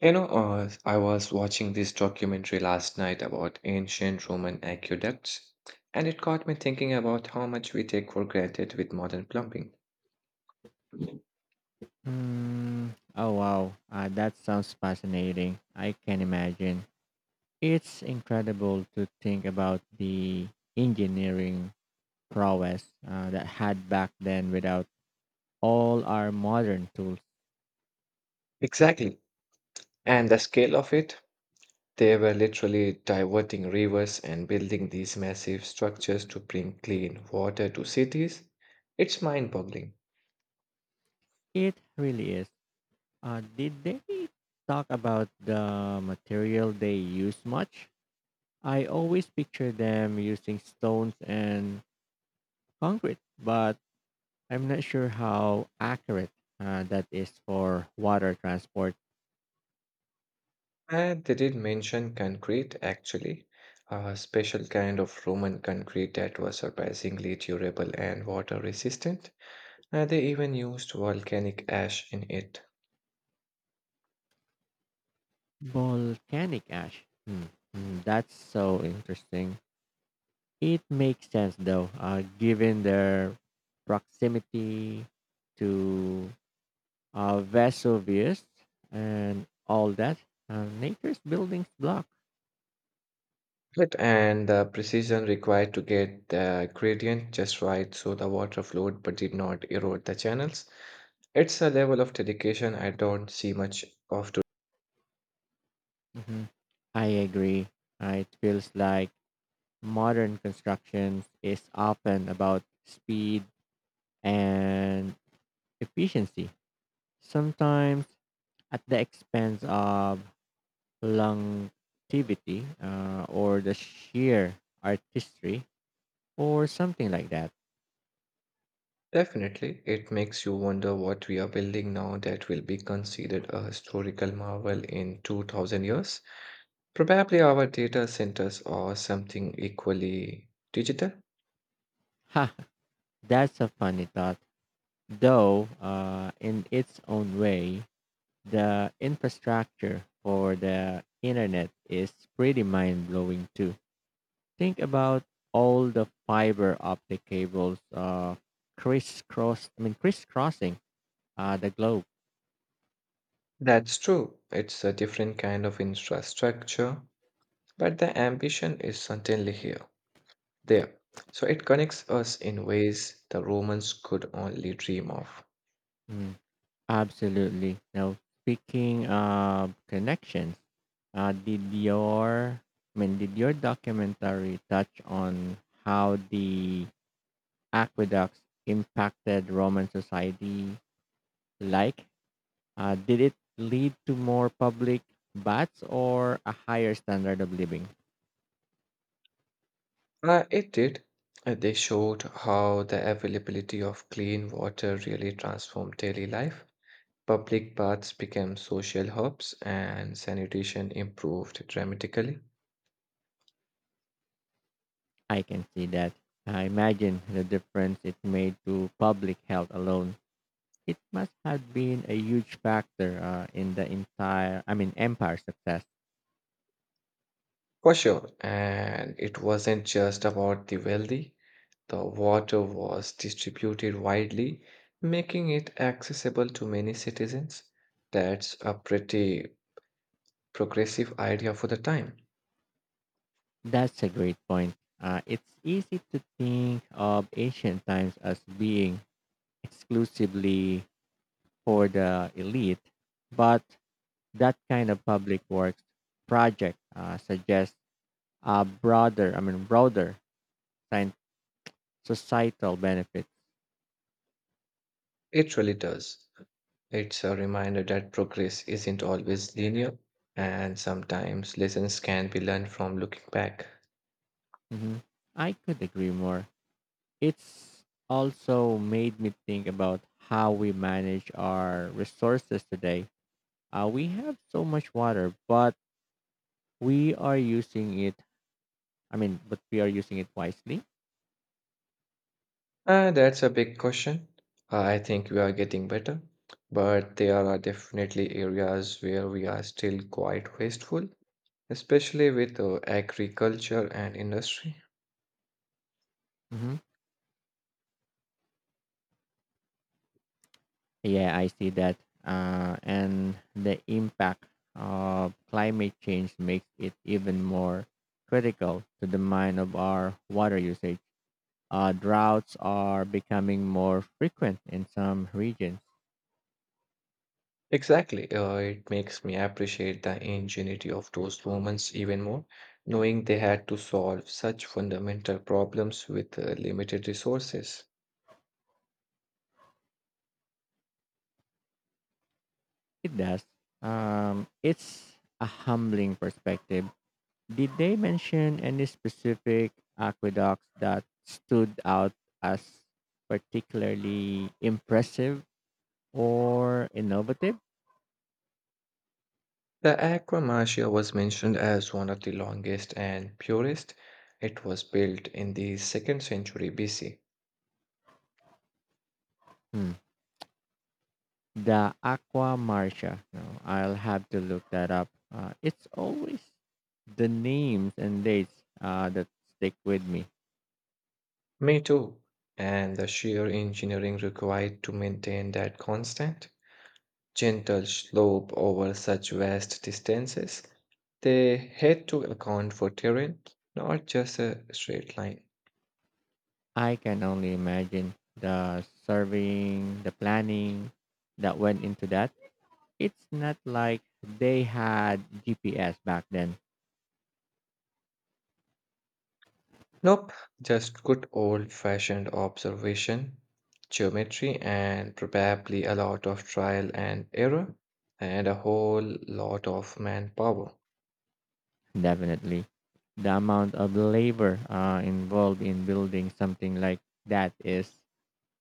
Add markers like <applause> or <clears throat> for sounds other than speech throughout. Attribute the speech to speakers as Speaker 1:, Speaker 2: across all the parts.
Speaker 1: I was watching this documentary last night about ancient Roman aqueducts, and it got me thinking about how much we take for granted with modern plumbing.
Speaker 2: Hmm. Oh wow. That sounds fascinating. I can imagine. It's incredible to think about the engineering prowess that had back then without all our modern tools.
Speaker 1: Exactly. And the scale of it, they were literally diverting rivers and building these massive structures to bring clean water to cities. It's mind-boggling.
Speaker 2: It really is. Did they talk about the material they use much? I always picture them using stones and concrete, but I'm not sure how accurate that is for water transport.
Speaker 1: And they did mention concrete, actually, a special kind of Roman concrete that was surprisingly durable and water resistant. They even used volcanic ash in it.
Speaker 2: Volcanic ash. That's so interesting. It makes sense though, given their proximity to Vesuvius and all that. Nature's buildings block.
Speaker 1: And the precision required to get the gradient just right so the water flowed but did not erode the channels. It's a level of dedication I don't see much of today.
Speaker 2: Hmm, I agree. It feels like modern construction is often about speed and efficiency, sometimes at the expense of longevity or the sheer artistry or something like that.
Speaker 1: Definitely, it makes you wonder what we are building now that will be considered a historical marvel in 2000 years. Probably our data centers or something equally digital.
Speaker 2: Ha, that's a funny thought. Though, in its own way, the infrastructure for the internet is pretty mind blowing too. Think about all the fiber optic cables crisscrossing the globe.
Speaker 1: That's true. It's a different kind of infrastructure, but the ambition is certainly here, there. So it connects us in ways the Romans could only dream of.
Speaker 2: Mm. Absolutely. Now, speaking of connections, uh, did your did your documentary touch on how the aqueducts impacted Roman society? Like, did it lead to more public baths or a higher standard of living?
Speaker 1: It did. They showed how the availability of clean water really transformed daily life. Public baths became social hubs and sanitation improved dramatically.
Speaker 2: I can see that. I imagine the difference it made to public health alone. It must have been a huge factor in the empire success.
Speaker 1: For sure. And it wasn't just about the wealthy. The water was distributed widely, making it accessible to many citizens. That's a pretty progressive idea for the time.
Speaker 2: That's a great point. It's easy to think of ancient times as being exclusively for the elite, but that kind of public works project suggests a broader scien- societal benefit.
Speaker 1: It really does. It's a reminder that progress isn't always linear, and sometimes lessons can be learned from looking back.
Speaker 2: Mhm. I could agree more. It's also made me think about how we manage our resources today. We have so much water, we are using it. But we are using it wisely.
Speaker 1: That's a big question. I think we are getting better, but there are definitely areas where we are still quite wasteful, especially with agriculture and industry.
Speaker 2: Hmm, yeah, I see that. And the impact of climate change makes it even more critical to the mind of our water usage. Droughts are becoming more frequent in some regions.
Speaker 1: Exactly. It makes me appreciate the ingenuity of those moments even more, knowing they had to solve such fundamental problems with limited resources.
Speaker 2: It does. It's a humbling perspective. Did they mention any specific aqueducts that stood out as particularly impressive or innovative?
Speaker 1: The Aquamarcia was mentioned as one of the longest and purest. It was built in the second century BC.
Speaker 2: Hmm. The Aqua Marcia. No, I'll have to look that up. It's always the names and dates that stick with me.
Speaker 1: Me too. And the sheer engineering required to maintain that constant, gentle slope over such vast distances. They had to account for terrain, not just a straight line.
Speaker 2: I can only imagine the the planning that went into that. It's not like they had GPS back then,
Speaker 1: Nope, just good old fashioned observation, geometry, and probably a lot of trial and error, and a whole lot of manpower.
Speaker 2: definitely. The amount of labor involved in building something like that is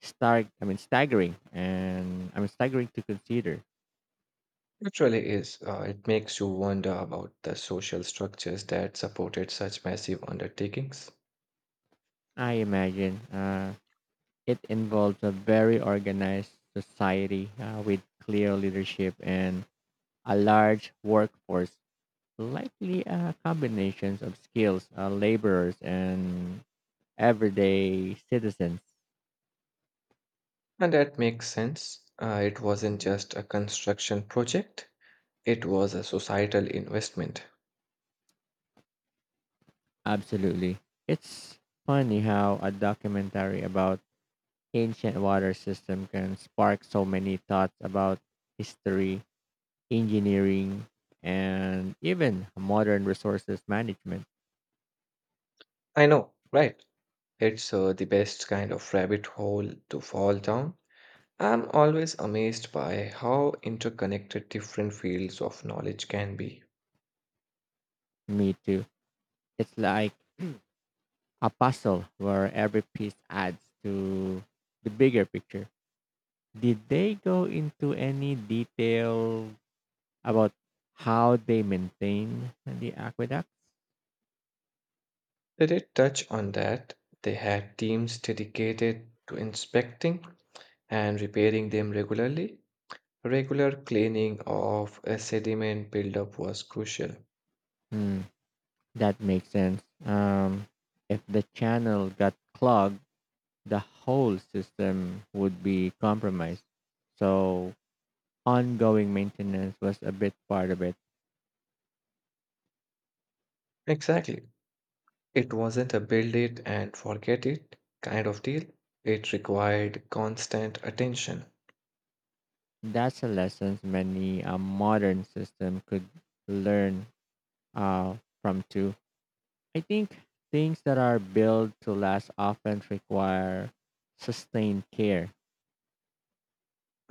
Speaker 2: staggering. Staggering to consider.
Speaker 1: Actually is. It makes you wonder about the social structures that supported such massive undertakings.
Speaker 2: I imagine it involves a very organized society with clear leadership and a large workforce, likely combinations of skills, laborers, and everyday citizens.
Speaker 1: And that makes sense. It wasn't just a construction project, it was a societal investment.
Speaker 2: Absolutely. It's funny how a documentary about ancient water system can spark so many thoughts about history, engineering, and even modern resources management.
Speaker 1: I know, right? It's the best kind of rabbit hole to fall down. I'm always amazed by how interconnected different fields of knowledge can be.
Speaker 2: Me too. It's like <clears throat> a puzzle where every piece adds to the bigger picture. Did they go into any detail about how they maintain the aqueduct?
Speaker 1: They did touch on that. They had teams dedicated to inspecting and repairing them regularly, regular cleaning of a sediment buildup was crucial.
Speaker 2: Hmm. That makes sense. If the channel got clogged, the whole system would be compromised. So ongoing maintenance was a big part of it.
Speaker 1: Exactly. It wasn't a build it and forget it kind of deal, it required constant attention.
Speaker 2: That's a lesson many a modern system could learn uh, from too. I think things that are built to last often require sustained care.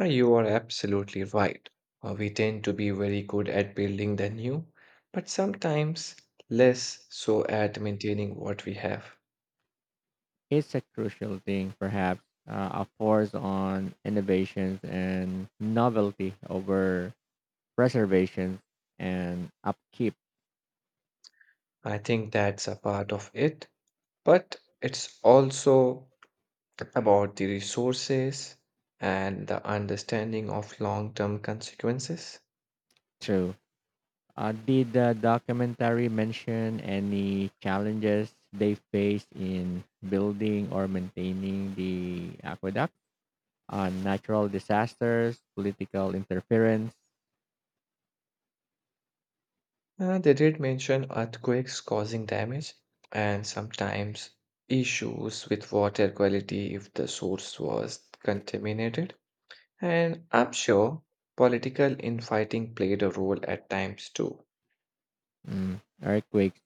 Speaker 1: You are absolutely right. We tend to be very good at building the new, but sometimes less so at maintaining what we have.
Speaker 2: It's a crucial thing, perhaps, a force on innovations and novelty over preservation and upkeep,
Speaker 1: I think that's a part of it, but it's also about the resources and the understanding of long term consequences.
Speaker 2: too. Did the documentary mention any challenges they faced in building or maintaining the aqueduct? Natural disasters, political interference,
Speaker 1: They did mention earthquakes causing damage and sometimes issues with water quality if the source was contaminated. And I'm sure political infighting played a role at times too.
Speaker 2: mm, earthquakes.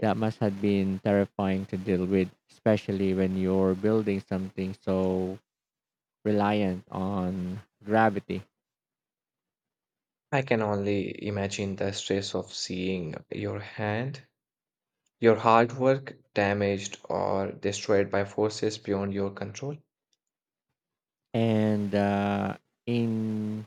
Speaker 2: That must have been terrifying to deal with, especially when you're building something so reliant on gravity
Speaker 1: I can only imagine the stress of seeing your hard work damaged or destroyed by forces beyond your control.
Speaker 2: and ingenuity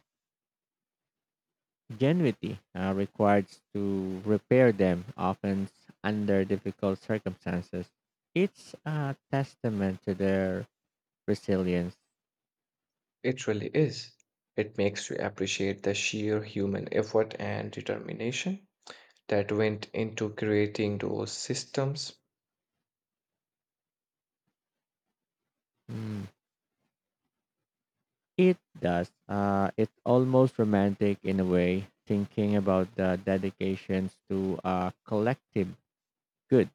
Speaker 2: required to repair them, often under difficult circumstances. It's a testament to their resilience.
Speaker 1: It really is. It makes you appreciate the sheer human effort and determination that went into creating those systems.
Speaker 2: Mm. It does. It's almost romantic in a way, thinking about the dedications to a collective good.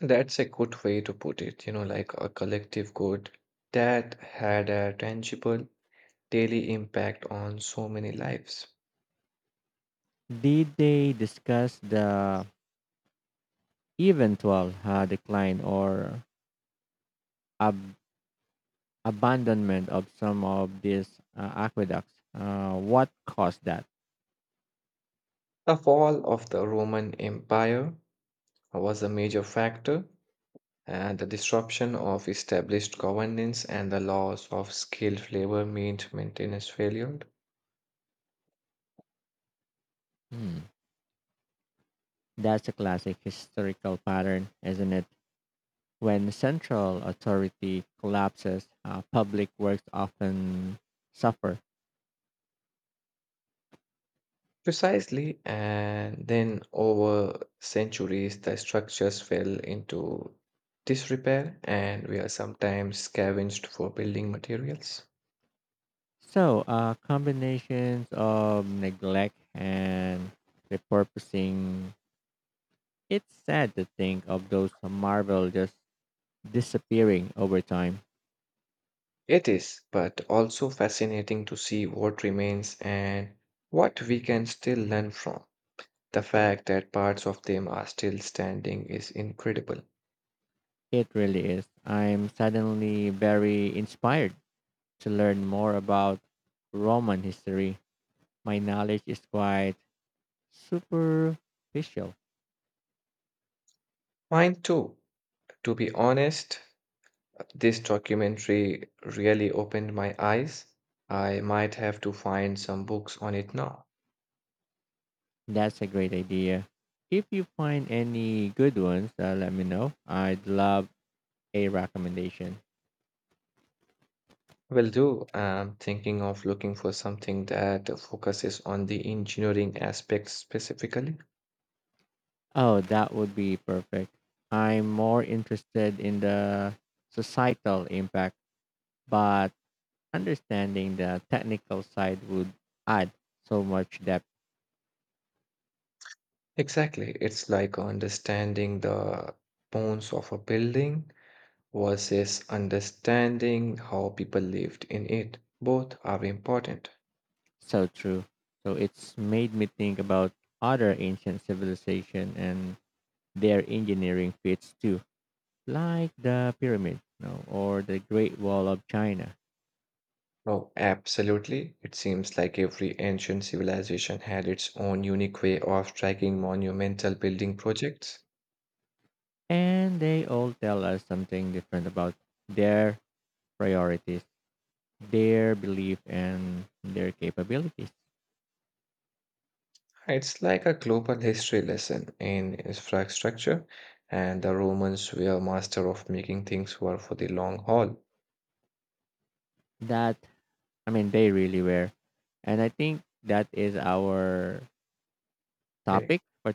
Speaker 1: That's a good way to put it, you know, like a collective good that had a tangible daily impact on so many lives.
Speaker 2: Did they discuss the eventual decline or ab- abandonment of some of these aqueducts. What caused that?
Speaker 1: The fall of the Roman Empire was a major factor, and the disruption of established governance and the loss of skilled labor meant maintenance failure.
Speaker 2: Hmm. That's a classic historical pattern, isn't it? When central authority collapses, public works often suffer.
Speaker 1: Precisely, and then over centuries, the structures fell into disrepair and we are sometimes scavenged for building materials.
Speaker 2: So, combinations of neglect and repurposing. It's sad to think of those marvel just disappearing over time.
Speaker 1: It is, but also fascinating to see what remains and what we can still learn from. The fact that parts of them are still standing is incredible.
Speaker 2: It really is. I'm suddenly very inspired to learn more about Roman history. My knowledge is quite superficial.
Speaker 1: Mine too, to be honest, this documentary really opened my eyes. I might have to find some books on it now.
Speaker 2: That's a great idea. If you find any good ones, let me know. I'd love a recommendation.
Speaker 1: Will do. I'm thinking of looking for something that focuses on the engineering aspects specifically.
Speaker 2: Oh, that would be perfect. I'm more interested in the societal impact, but understanding the technical side would add so much depth.
Speaker 1: Exactly. It's like understanding the bones of a building versus understanding how people lived in it. Both are important.
Speaker 2: So true. So it's made me think about other ancient civilization and their engineering feats too, like the pyramid, you know, or the Great Wall of China.
Speaker 1: Oh, absolutely. It seems like every ancient civilization had its own unique way of tracking monumental building projects.
Speaker 2: And they all tell us something different about their priorities, their belief and their capabilities.
Speaker 1: It's like a global history lesson in infrastructure, and the Romans were master of making things work for the long haul.
Speaker 2: That I mean they really were. And I think that is our topic
Speaker 1: Hey.